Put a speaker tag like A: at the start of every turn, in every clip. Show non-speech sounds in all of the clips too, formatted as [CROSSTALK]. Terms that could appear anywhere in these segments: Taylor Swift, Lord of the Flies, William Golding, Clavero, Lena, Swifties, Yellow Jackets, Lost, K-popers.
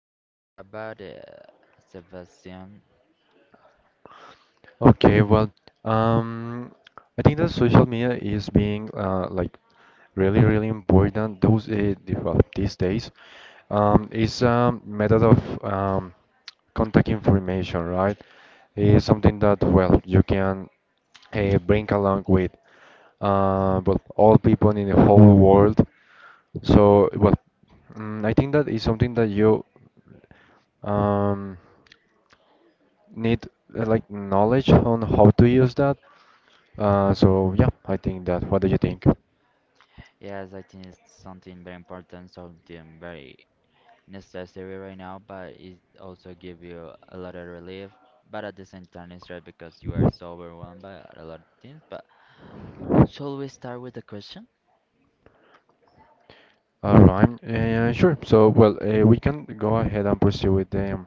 A: can we say about Sebastian?
B: Okay, well, um, I think that social media is being like really, really important. Well, these days, is a method of contact information, right? Is something that well you can bring along with well all people in the whole world. So well, I think that is something that you um, need like knowledge on how to use that. So yeah, I think that. What do you think?
A: Yes, I think it's something very important, something very necessary right now, but it also give you a lot of relief. But at the same time, it's right because you are so overwhelmed by a lot of things. But shall we start with the question?
B: All right. Sure. So well, we can go ahead and pursue with them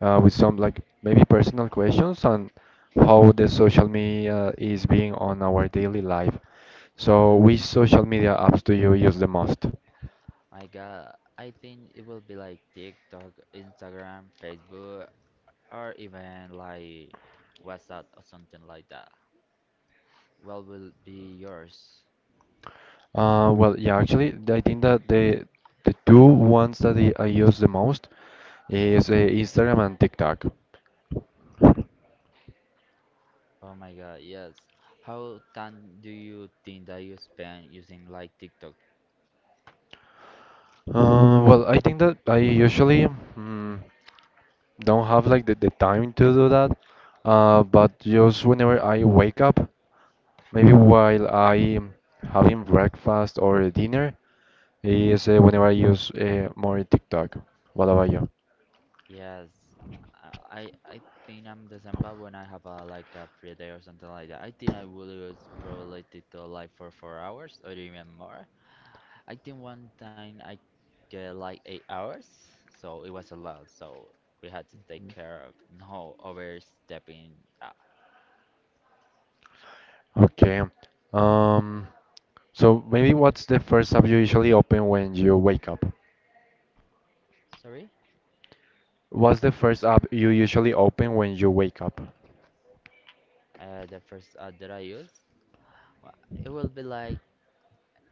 B: with some like maybe personal questions on how the social media is being on our daily life. So which
A: Yes,
B: social media apps do you use the most?
A: I got. I think it will be like TikTok, Instagram, Facebook, or even like WhatsApp or something like that. What will be yours?
B: Well, yeah, actually, I think that the two ones that I use the most is Instagram and TikTok.
A: Oh my God, yes. How time do you think that you spend using like TikTok?
B: Well, I think that I usually. mm don't have like the time to do that. But just whenever I wake up, maybe while I am having breakfast or dinner, is whenever I use more TikTok. What about you?
A: Yes, I think I'm December when I have a like a free day or something like that. I think I will use probably TikTok like for 4 hours or even more. I think one time I get like 8 hours, so it was a lot. So we had to take care of no overstepping.
B: Okay. Um, so maybe what's the first app you usually open when you wake up?
A: Sorry,
B: What's the first app you usually open when you wake up?
A: the first app that I use, it will be like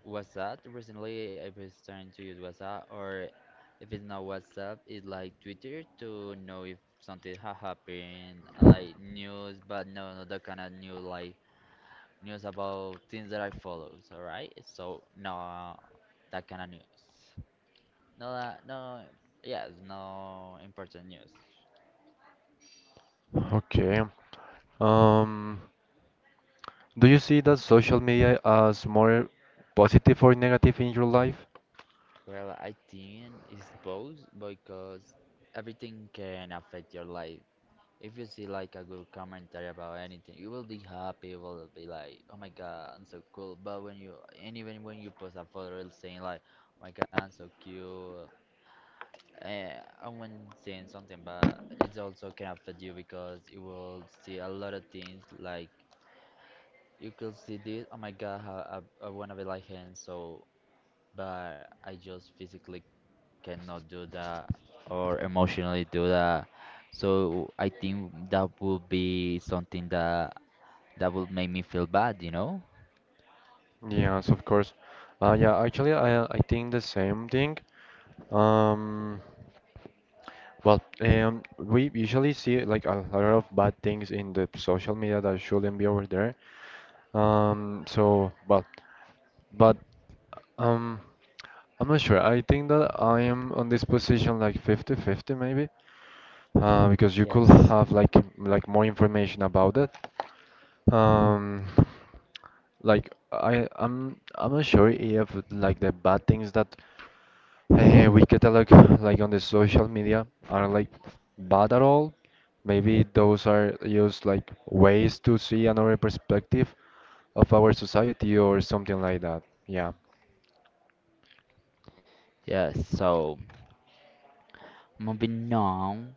A: WhatsApp. Recently, I've been starting to use WhatsApp, or if it's not WhatsApp, it's like Twitter to know if something ha happened, and, like news, but no, not that kind of news, like news about things that I follow. All right, so no, that kind of news. No, that no, yes, no important news.
B: Okay. Um, do you see that social media as more positive or negative in your life?
A: Well, I think it's both because everything can affect your life. If you see like a good commentary about anything, you will be happy. You will be like, "Oh my God, I'm so cool." But when you and even when you post a photo, it's saying like, "Oh my God, I'm so cute," eh, and when saying something bad, it also can affect you because you will see a lot of things like you could see this. Oh my God, how I wanna be like him. So, but I just physically cannot do that or emotionally do that. So I think that would be something that that would make me feel bad, you know?
B: Yes, of course. Yeah, actually, I think the same thing. Um, well, we usually see like a lot of bad things in the social media that shouldn't be over there. So, but, um, I'm not sure. I think that I am on this position like fifty-fifty maybe, because you could
A: Yes.
B: have like more information about it. Um, like I'm not sure if like the bad things that we catalog like, on the social media are like bad at all. Maybe those are just like ways to see another perspective of our society or something like that. Yeah.
A: Yes, so moving on.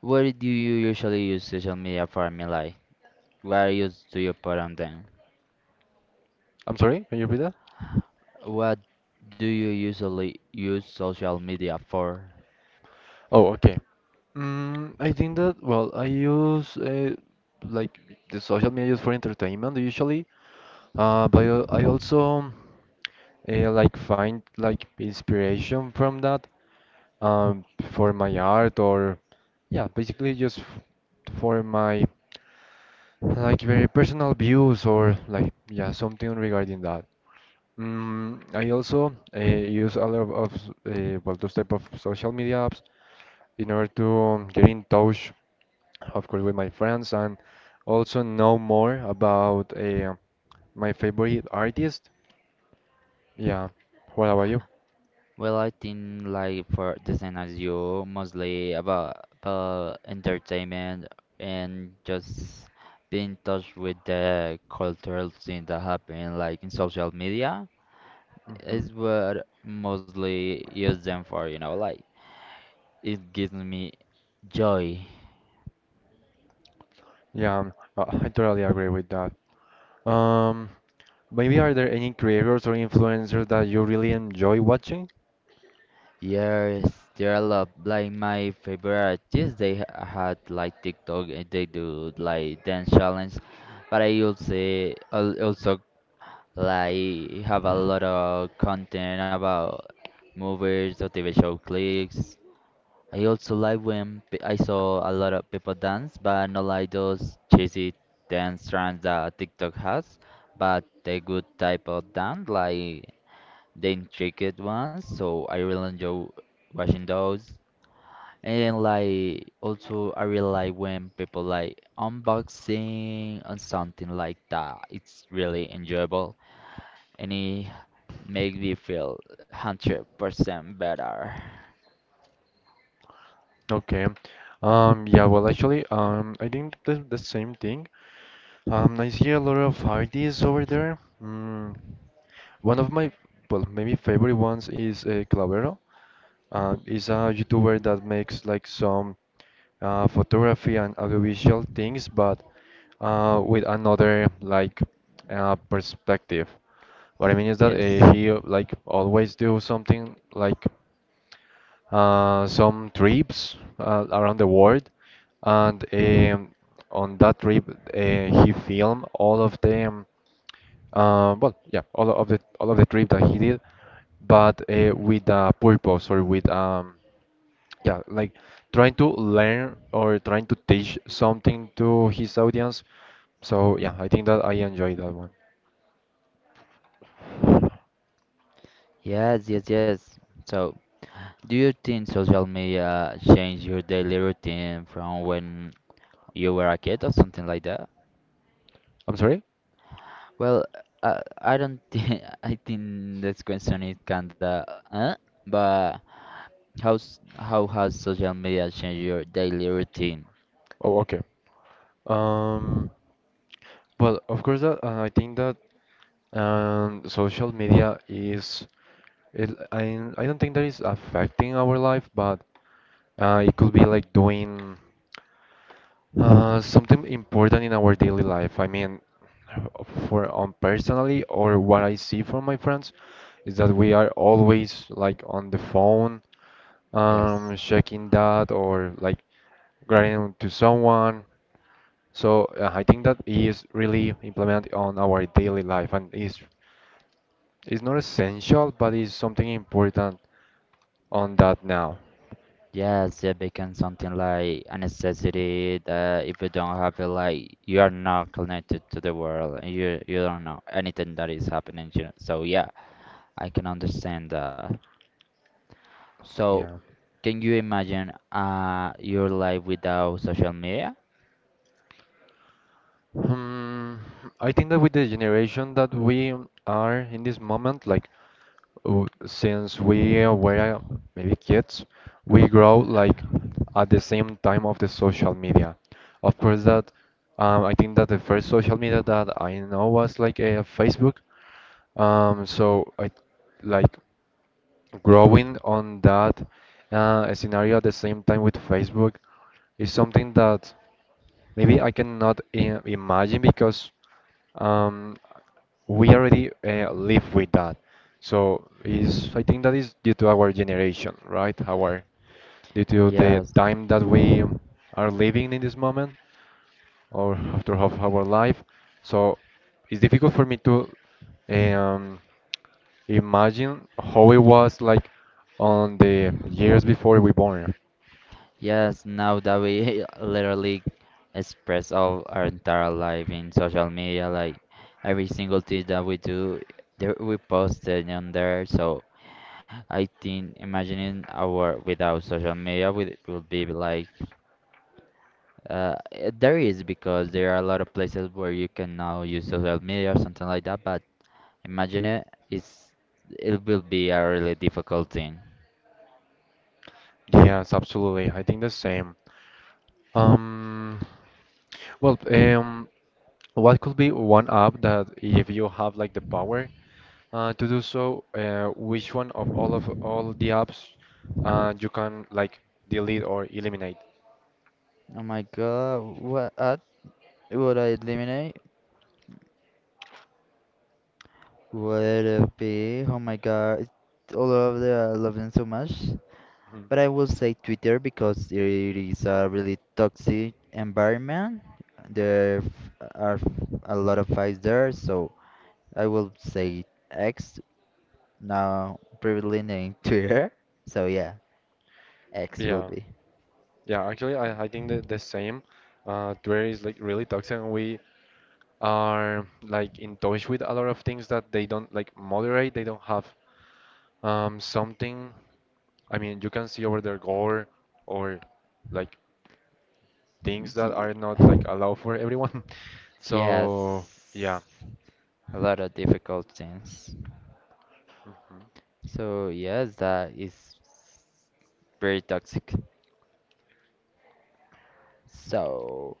A: What do you usually use social media for, Milai? Where use do you put on them?
B: I'm sorry, can you repeat that?
A: What do you usually use social media for?
B: Oh, okay. I think that well, I use like the social media is for entertainment usually. But I also like find like inspiration from that um, for my art or yeah, basically just f for my like very personal views or like yeah something regarding that. I also use a lot of well those type of social media apps in order to get in touch, of course, with my friends and also know more about my favorite artist. Yeah. What about you?
A: Well, I think like for the same as you, mostly about entertainment and just being in touch with the cultural thing that happen like in social media.
B: Hmm.
A: Is what mostly use them for, you know, like it gives me joy.
B: Yeah, I totally agree with that. Um, Maybe are there any creators or influencers that you really enjoy watching?
A: Yes, there are a lot. Like my favorite artists, they had like TikTok and they do like dance challenge, but I also also like have a lot of content about movies or TV show clips. I also like when I saw a lot of people dance, but not like those cheesy dance trends that TikTok has, but the good type of dance, like the intricate ones. So I really enjoy watching those. And like also I really like when people like unboxing and something like that. It's really enjoyable and it makes me feel 100% better.
B: Okay. Yeah, well, actually, I think the same thing. I see a lot of artists over there. One of my, well, maybe favorite ones is Clavero. Is a YouTuber that makes like some photography and audiovisual things, but with another like perspective. What I mean is that
A: Yes.
B: he like always do something like some trips around the world, and on that trip he filmed all of them. Well, yeah, all of the trip that he did, but with a purpose or with yeah, like trying to learn or trying to teach something to his audience. So yeah, I think that I enjoy that one.
A: Yes, yes, yes. So do you think social media changed your daily routine from when you were a kid or something like that?
B: I'm sorry?
A: Well, I don't think [LAUGHS] I think this question is kinda uh, but how's how has social media changed your daily routine?
B: Oh, okay. Um, well, of course that I think that social media is it, I don't think that is affecting our life, but it could be like doing. Something important in our daily life. I mean, for on personally or what I see from my friends is that we are always like on the phone,
A: Yes.
B: checking that or like writing to someone. So I think that is really implemented on our daily life and is not essential, but is something important on that now.
A: Yes, it became something like a necessity that if you don't have it, like you are not connected to the world and you don't know anything that is happening, you know. So yeah, I can understand that. So
B: Yeah.
A: can you imagine your life without social media?
B: Hmm, I think that with the generation that we are in this moment, like since we were maybe kids, we grow like at the same time of the social media. Of course, that I think that the first social media that I know was like a Facebook. So I like growing on that scenario at the same time with Facebook is something that. Maybe I cannot imagine because um, we already live with that. So is I think that is due to our generation, right? Our due to the
A: Yes,
B: time that we are living in this moment or after half our life. So it's difficult for me to um, imagine how it was like on the years before we born.
A: yes, now that we [LAUGHS] literally express all our entire life in social media, like every single thing that we do, there, we post it on there. So I think imagining our without social media would be like there is because there are a lot of places where you can now use social media or something like that. But imagine it is it will be a really difficult thing.
B: Yes, absolutely. I think the same. Um, Well, what could be one app that if you have like the power to do so, which one of all the apps you can like delete or eliminate?
A: Oh my God, what ad would I eliminate? Would it be? Oh my God, it's all of the I love them so much.
B: Mhm.
A: But I will say Twitter because it is a really toxic environment. There are a lot of fights there, so I will say X, now previously named [LAUGHS] Twitter. So yeah, X will
B: Yeah,
A: be.
B: yeah. Actually, I think that the same. Twitter is like really toxic, and we are like in touch with a lot of things that they don't like moderate. They don't have something. I mean, you can see over their gore or like things that are not like
A: Yeah.
B: allowed for everyone. [LAUGHS]
A: Yes,
B: So yeah.
A: a lot of difficult things.
B: Mhm.
A: So yes, that is very toxic. So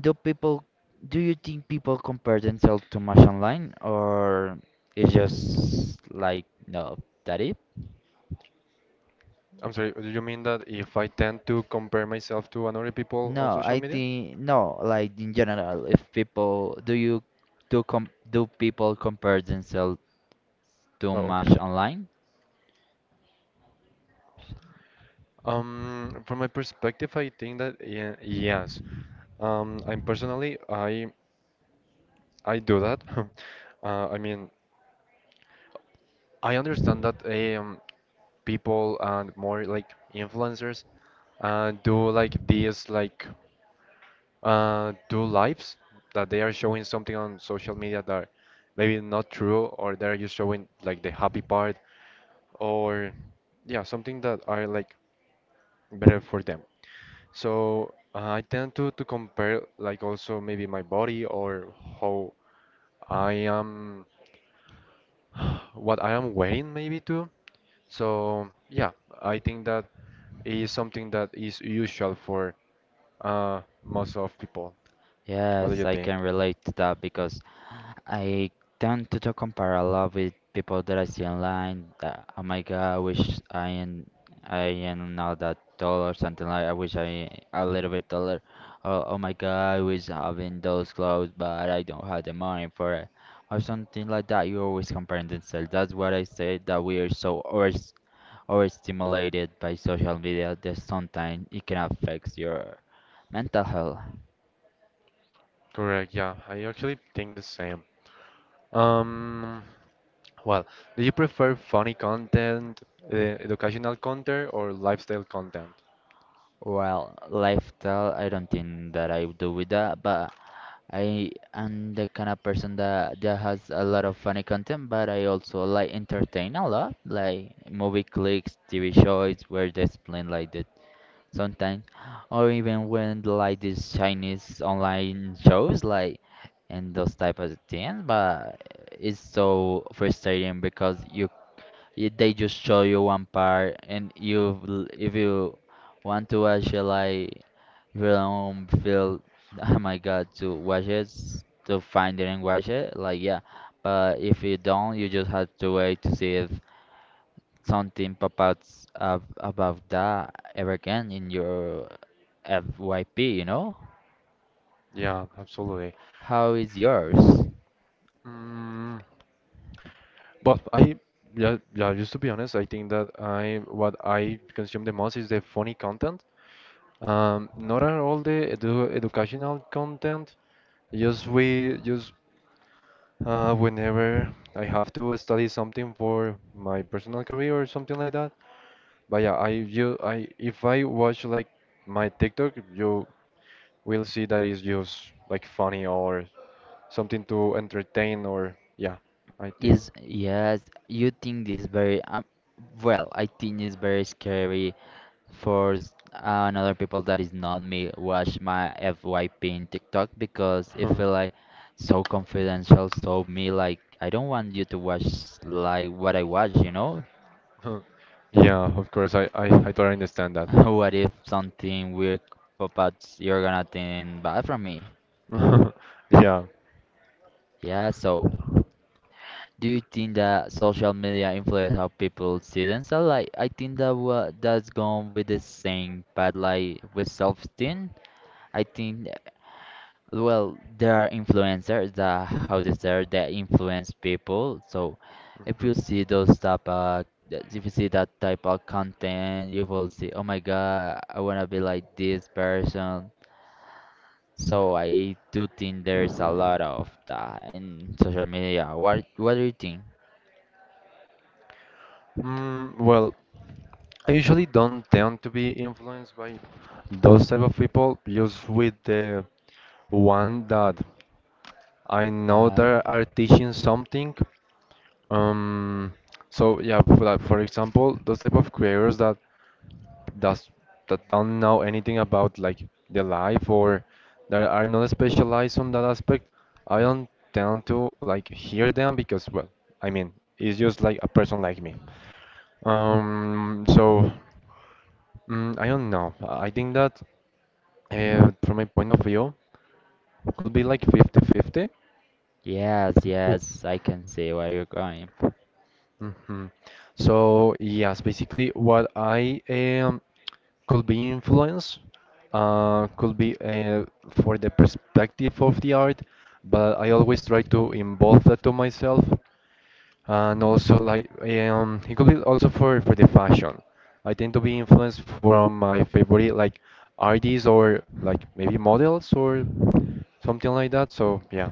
A: do people do you think people compare themselves too much online, or it's just like no, that it?
B: I'm sorry. Do you mean that if I tend to compare myself to another people on
A: No,
B: social
A: I
B: media?
A: think no, like in general, if people do you do com do people compare themselves too
B: Oh, okay.
A: much online?
B: From my perspective, I think that yeah, yes. I'm personally, I do that. [LAUGHS] I mean, I understand that people and more like influencers do like this like do lives that they are showing something on social media that maybe not true or they're just showing like the happy part or yeah something that are like better for them. So I tend to compare like also maybe my body or how I am what I am wearing maybe too. So yeah, I think that is something that is usual for uh most of people. What do you
A: Yes, I
B: think?
A: can relate to that because I tend to compare a lot with people that I see online. That, oh my God, I wish I am now that tall or something like. I wish I a little bit taller. Oh, oh my God, I wish having those clothes, but I don't have the money for it, or something like that. You always comparing themselves. That's what I say. That we are so over overstimulated by social media that sometimes it can affect your mental health.
B: Correct, yeah, I actually think the same. Um, well, do you prefer funny content, educational content, or lifestyle content?
A: Well, lifestyle, I don't think that I do with that, but I am the kind of person that has a lot of funny content, but I also like entertain a lot, like movie clips, TV shows where they explain like that sometimes, or even when like these Chinese online shows like and those type of things. But it's so frustrating because you they just show you one part and you if you want to watch it like if you don't feel [LAUGHS] oh my God to watch it to find it and watch it like yeah, but if you don't you just have to wait to see if something pop out about that ever again in your FYP, you know.
B: Yeah, absolutely.
A: How is yours?
B: Mm, but yeah, yeah, just to be honest, I think that I what I consume the most is the funny content. Not at all the educational content. Just we just whenever I have to study something for my personal career or something like that. But yeah, I if I watch like my TikTok, you we'll see that it's just like funny or something to entertain or yeah, I think.
A: Is
B: [LAUGHS]
A: yes, you think this very well I think it's very scary for another people that is not me watch my FYP in TikTok because it feel like so confidential so me like I don't want you to watch like what I watch, you know.
B: Yeah, of course, I totally understand
A: [LAUGHS]
B: that.
A: What if something weird pop out you're gonna think bad from me.
B: [LAUGHS] Yeah.
A: Yeah, so do you think that social media influence how people see themselves? Like I think that what that's gone with the same but like with self-esteem, I think. Well, there are influencers that how they say that influence people. So if
B: Mm.
A: you see those type of if you see that type of content, you will see, oh my God, I wanna be like this person. So I do think there's a lot of that in social media. What do you think?
B: Well, I usually don't tend to be influenced by those type of people, just with the one that I know
A: Uh,
B: that are teaching something. Um, so yeah, for, like, for example, those type of creators does that don't know anything about like the life or that are not specialized on that aspect, I don't tend to like hear them because well, I mean, it's just like a person like me. So I don't know. I think that from my point of view, could be like 5050 50.
A: yes,
B: Oh,
A: yes, I can see where you're going.
B: hmm So yes, basically what I could be influence, could be for the perspective of the art, but I always try to involve that to myself, and also like it could be also for the fashion. I tend to be influenced from my favorite like artists or like maybe models or something like that. So yeah.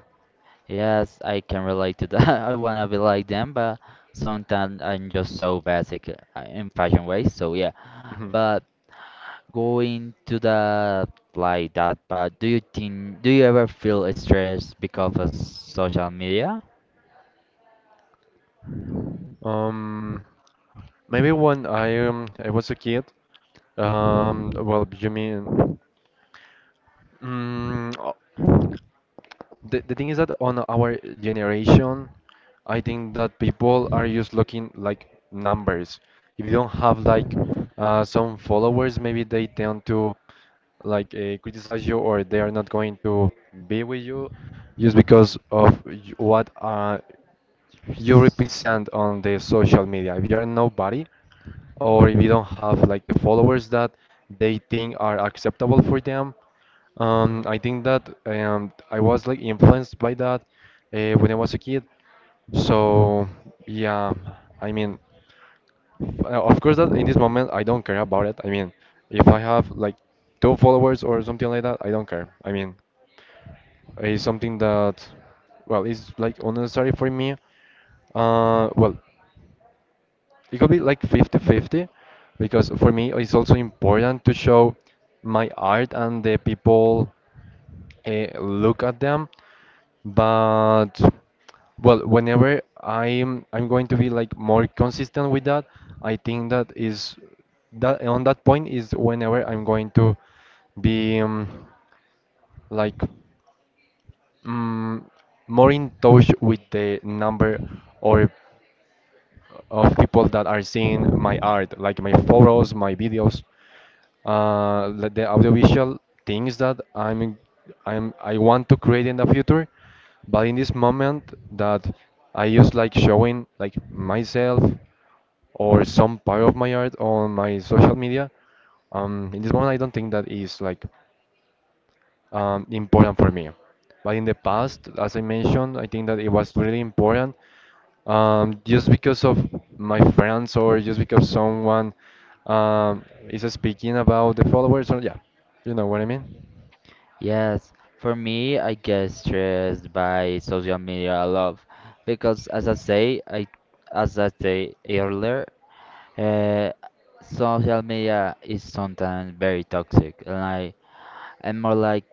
A: Yes, I can relate to that. [LAUGHS] I wanna be like them, but sometimes I'm just so basic in fashion ways. So yeah,
B: Mhm.
A: but going to the like that, but do you think do you ever feel stressed because of social media?
B: Um, Maybe when I was a kid. Well, you mean, mm, the thing is that on our generation, I think that people are just looking like numbers. If you don't have like some followers, maybe they tend to like criticize you or they are not going to be with you just because of what you
A: Stress.
B: represent on the social media. If you are nobody, or if you don't have like the followers that they think are acceptable for them, I think that I was like influenced by that when I was a kid. So yeah, I mean, of course that in this moment I don't care about it. I mean, if I have like two followers or something like that, I don't care. I mean, it's something that, well, it's like unnecessary for me. Well, it could be like fifty-fifty, because for me it's also important to show my art and the people look at them. But well, whenever I'm going to be like more consistent with that, I think that is that on that point is whenever I'm going to be like. mm, More in touch with the number or of people that are seeing my art, like my photos, my videos, like the audiovisual things that I want to create in the future. But in this moment, that I just like showing like myself or some part of my art on my social media. In this moment, I don't think that is like important for me. But in the past, as I mentioned, I think that it was really important just because of my friends or just because someone is speaking about the followers or yeah, you know what I mean?
A: Yes, for me, I get stressed by social media a lot because, as I say, I as I say earlier, uh, social media is sometimes very toxic, and I and more like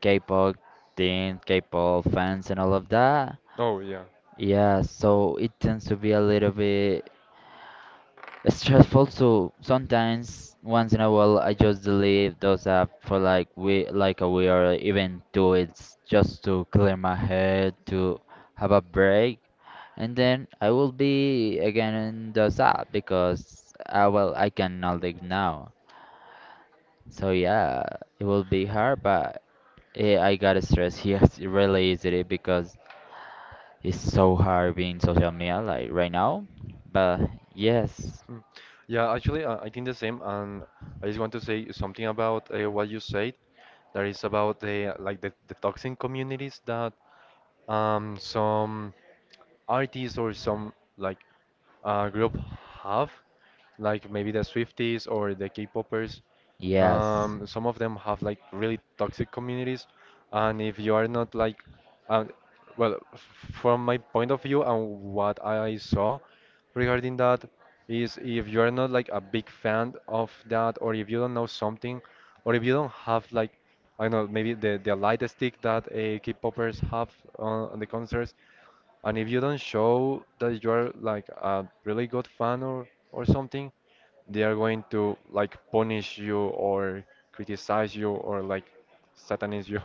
A: K-pop teens, K-pop fans, and all of that.
B: Oh yeah,
A: Yeah, so it tends to be a little bit stressful. So sometimes, once in a while, I just delete those apps for like we like a week or even 2 weeks, just to clear my head, to have a break, and then I will be again in those app because well, I cannot live now. So yeah, it will be hard, but yeah, I got stressed stress, yes, it really is it because it's so hard being social media like right now. But yes,
B: yeah. Actually, I think the same, and I just want to say something about what you said. That is about the toxic communities that some artists or some like group have, like maybe the Swifties or the K-popers.
A: yes,
B: Some of them have like really toxic communities, and if you are not like, uh, well, from my point of view and what I saw regarding that is if you are not like a big fan of that, or if you don't know something, or if you don't have like, I don't know, maybe the light stick that K-popers have on the concerts, and if you don't show that you are like a really good fan or something, they are going to like punish you or criticize you or like satanize you.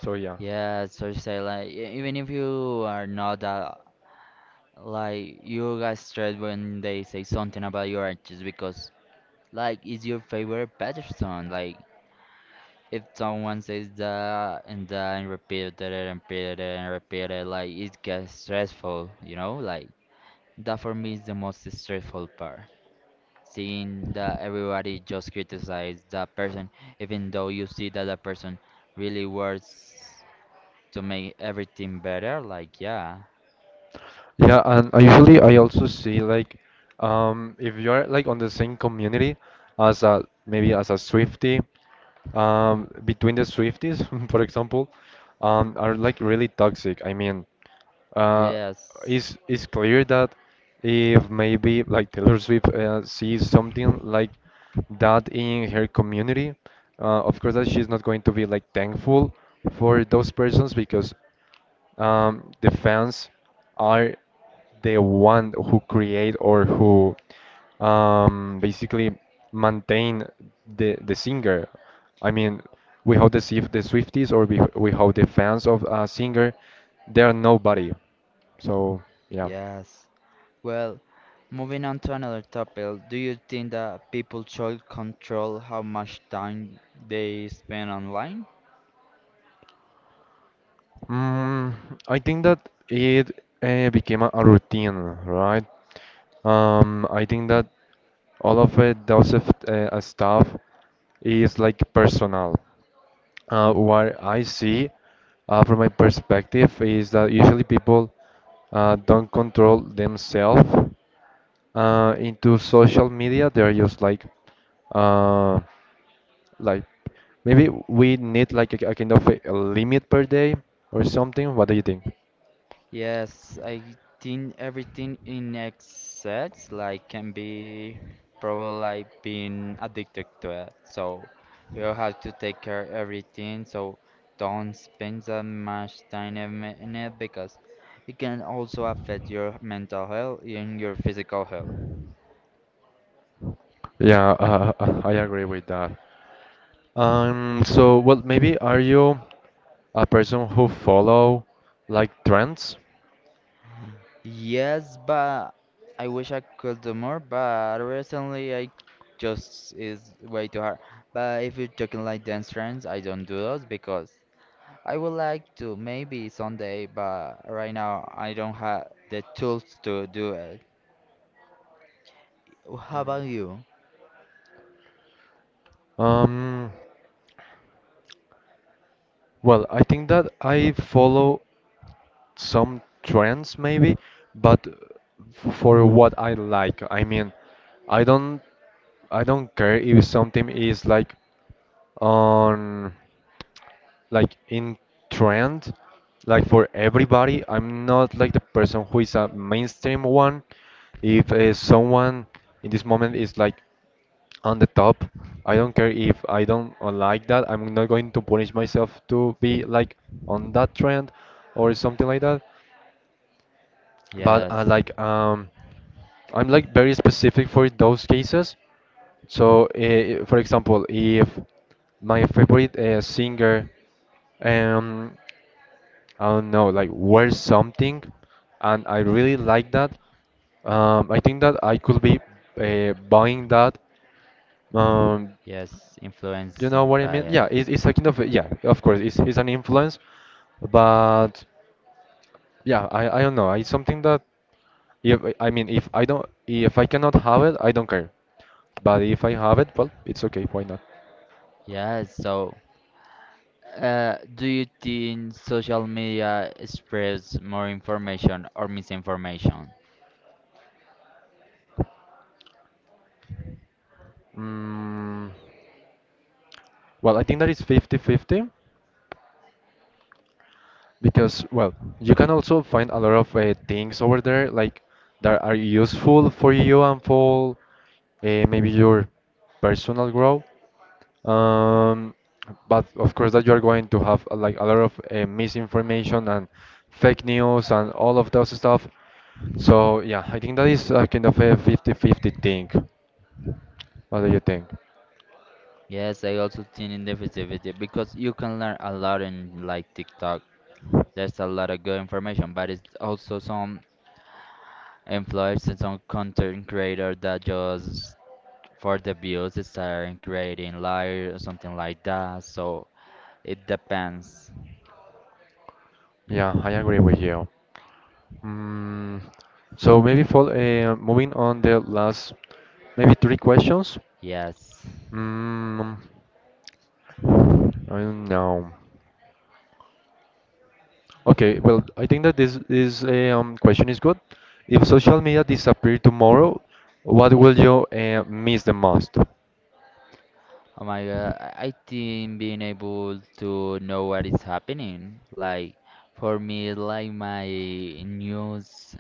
B: [LAUGHS] So yeah.
A: yes. So you say like even if you are not that like you got stressed when they say something about your artist because like it's your favorite person. Like if someone says that and that and repeated it and repeated it and repeated it, like it gets stressful. You know, like that for me is the most stressful part. Seeing that everybody just criticize that person, even though you see that that person really works to make everything better. Like, yeah,
B: Yeah, and I usually I also see like if you're like on the same community as a maybe as a Swifty, between the Swifties, [LAUGHS] for example, are like really toxic. I mean, uh
A: yes,
B: it's clear that if maybe like Taylor Swift sees something like that in her community, of course that she's not going to be like thankful for those persons because the fans are the one who create or who basically maintain the singer. I mean, without the Swifties or without the fans of a singer, they are nobody. So yeah.
A: yes. Well, moving on to another topic, do you think that people should control how much time they spend online?
B: Mm, I think that it became a routine, right? I think that all of it, those of, stuff is like personal. What I see from my perspective is that usually people don't control themselves into social media. They're just uh, like maybe we need like a kind of a limit per day or something. What do you think?
A: Yes, I think everything in excess like can be probably like being addicted to it. So you have to take care of everything. So don't spend that much time in it because it can also affect your mental health and your physical health.
B: Yeah, [LAUGHS] I agree with that. So well, maybe are you a person who follow like trends?
A: Yes, but I wish I could do more, but recently I just is way too hard. But if you're talking like dance trends, I don't do those because I would like to maybe someday, but right now I don't have the tools to do it. How about you?
B: Um, well, I think that I follow some trends maybe, but for what I like. I mean, I don't I don't care if something is like on like in trend like for everybody. I'm not like the person who is a mainstream one. If someone in this moment is like on the top, I don't care. If I don't like that, I'm not going to punish myself to be like on that trend or something like that. But
A: Yes,
B: like I'm like very specific for those cases. So, for example, if my favorite singer, um, I don't know, like wears something, and I really like that, I think that I could be buying that. Um,
A: yes,
B: you
A: influenced
B: know what I mean?
A: by
B: Yeah, it's a kind of, yeah, of course, it's an influence, but. Yeah, I don't know. It's something that if I mean if I cannot have it, I don't care. But if I have it, well, it's okay. Why not?
A: yes. So, do you think social media spreads more information or misinformation?
B: Mm, well, I think that it's fifty-fifty because well, you can also find a lot of things over there like that are useful for you and for maybe your personal growth. Um, but of course that you are going to have like a lot of misinformation and fake news and all of those stuff. So yeah, I think that is a kind of a fifty-fifty thing. What do you think?
A: Yes, I also think in negativity because you can learn a lot in like TikTok. There's a lot of good information, but it's also some influencers, some content creator that just for the views it's starting creating live or something like that, so it depends.
B: Yeah, I agree with you. Mm, so maybe for moving on the last maybe three questions.
A: Yes,
B: Mm, I don't know. Okay, well, I think that this question is good. If social media disappeared tomorrow, what will you miss the most?
A: oh my God, I think being able to know what is happening like for me like my news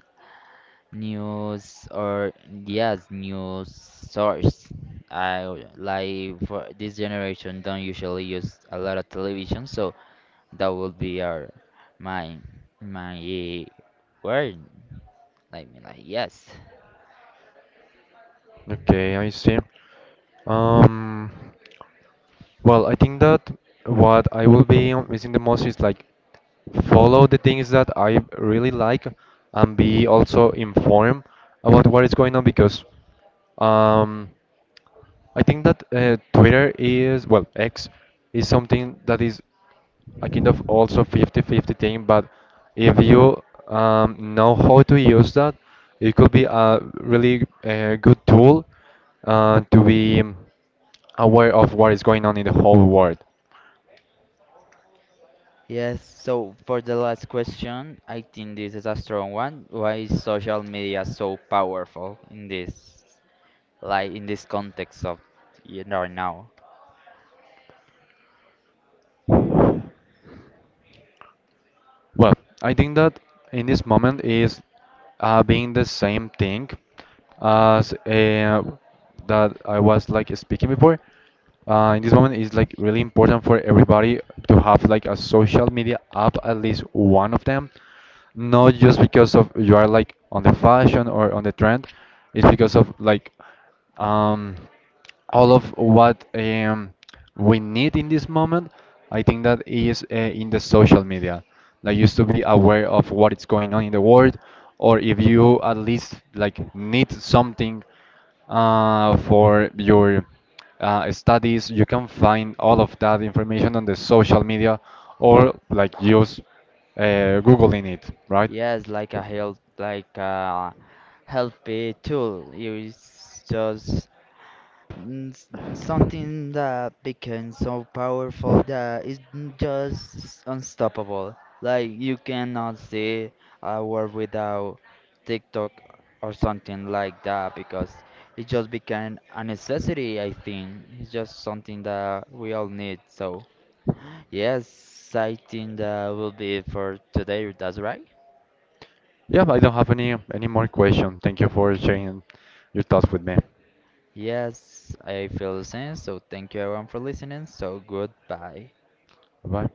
A: news or yes news source. I like for this generation don't usually use a lot of television, so that would be our my my word. I mean, like, yes.
B: Okay, I see. Um, well, I think that what I will be missing the most is like follow the things that I really like and be also informed about what is going on because um, I think that Twitter is, well, X is something that is a kind of also fifty-fifty thing, but if you know how to use that, it could be a really good tool to be aware of what is going on in the whole world.
A: Yes, so for the last question, I think this is a strong one. Why is social media so powerful in this, like, in this context of you know right now?
B: Well, I think that in this moment is being the same thing as that I was like speaking before. In this moment, it's like really important for everybody to have like a social media app, at least one of them, not just because of you are like on the fashion or on the trend. It's because of like um all of what we need in this moment. I think that is in the social media, like used to be aware of what is going on in the world, or if you at least like need something for your studies. You can find all of that information on the social media or like use Googling it, right?
A: Yes, like a help tool. It's just mm, something that became so powerful that it's just unstoppable. Like you cannot see a world without TikTok or something like that because it just became a necessity, I think. It's just something that we all need. So, yes, I think that will be it for today. That's right.
B: Yeah, I don't have any more question. Thank you for sharing your thoughts with me.
A: Yes, I feel the same. So, thank you everyone for listening. So, goodbye.
B: Bye.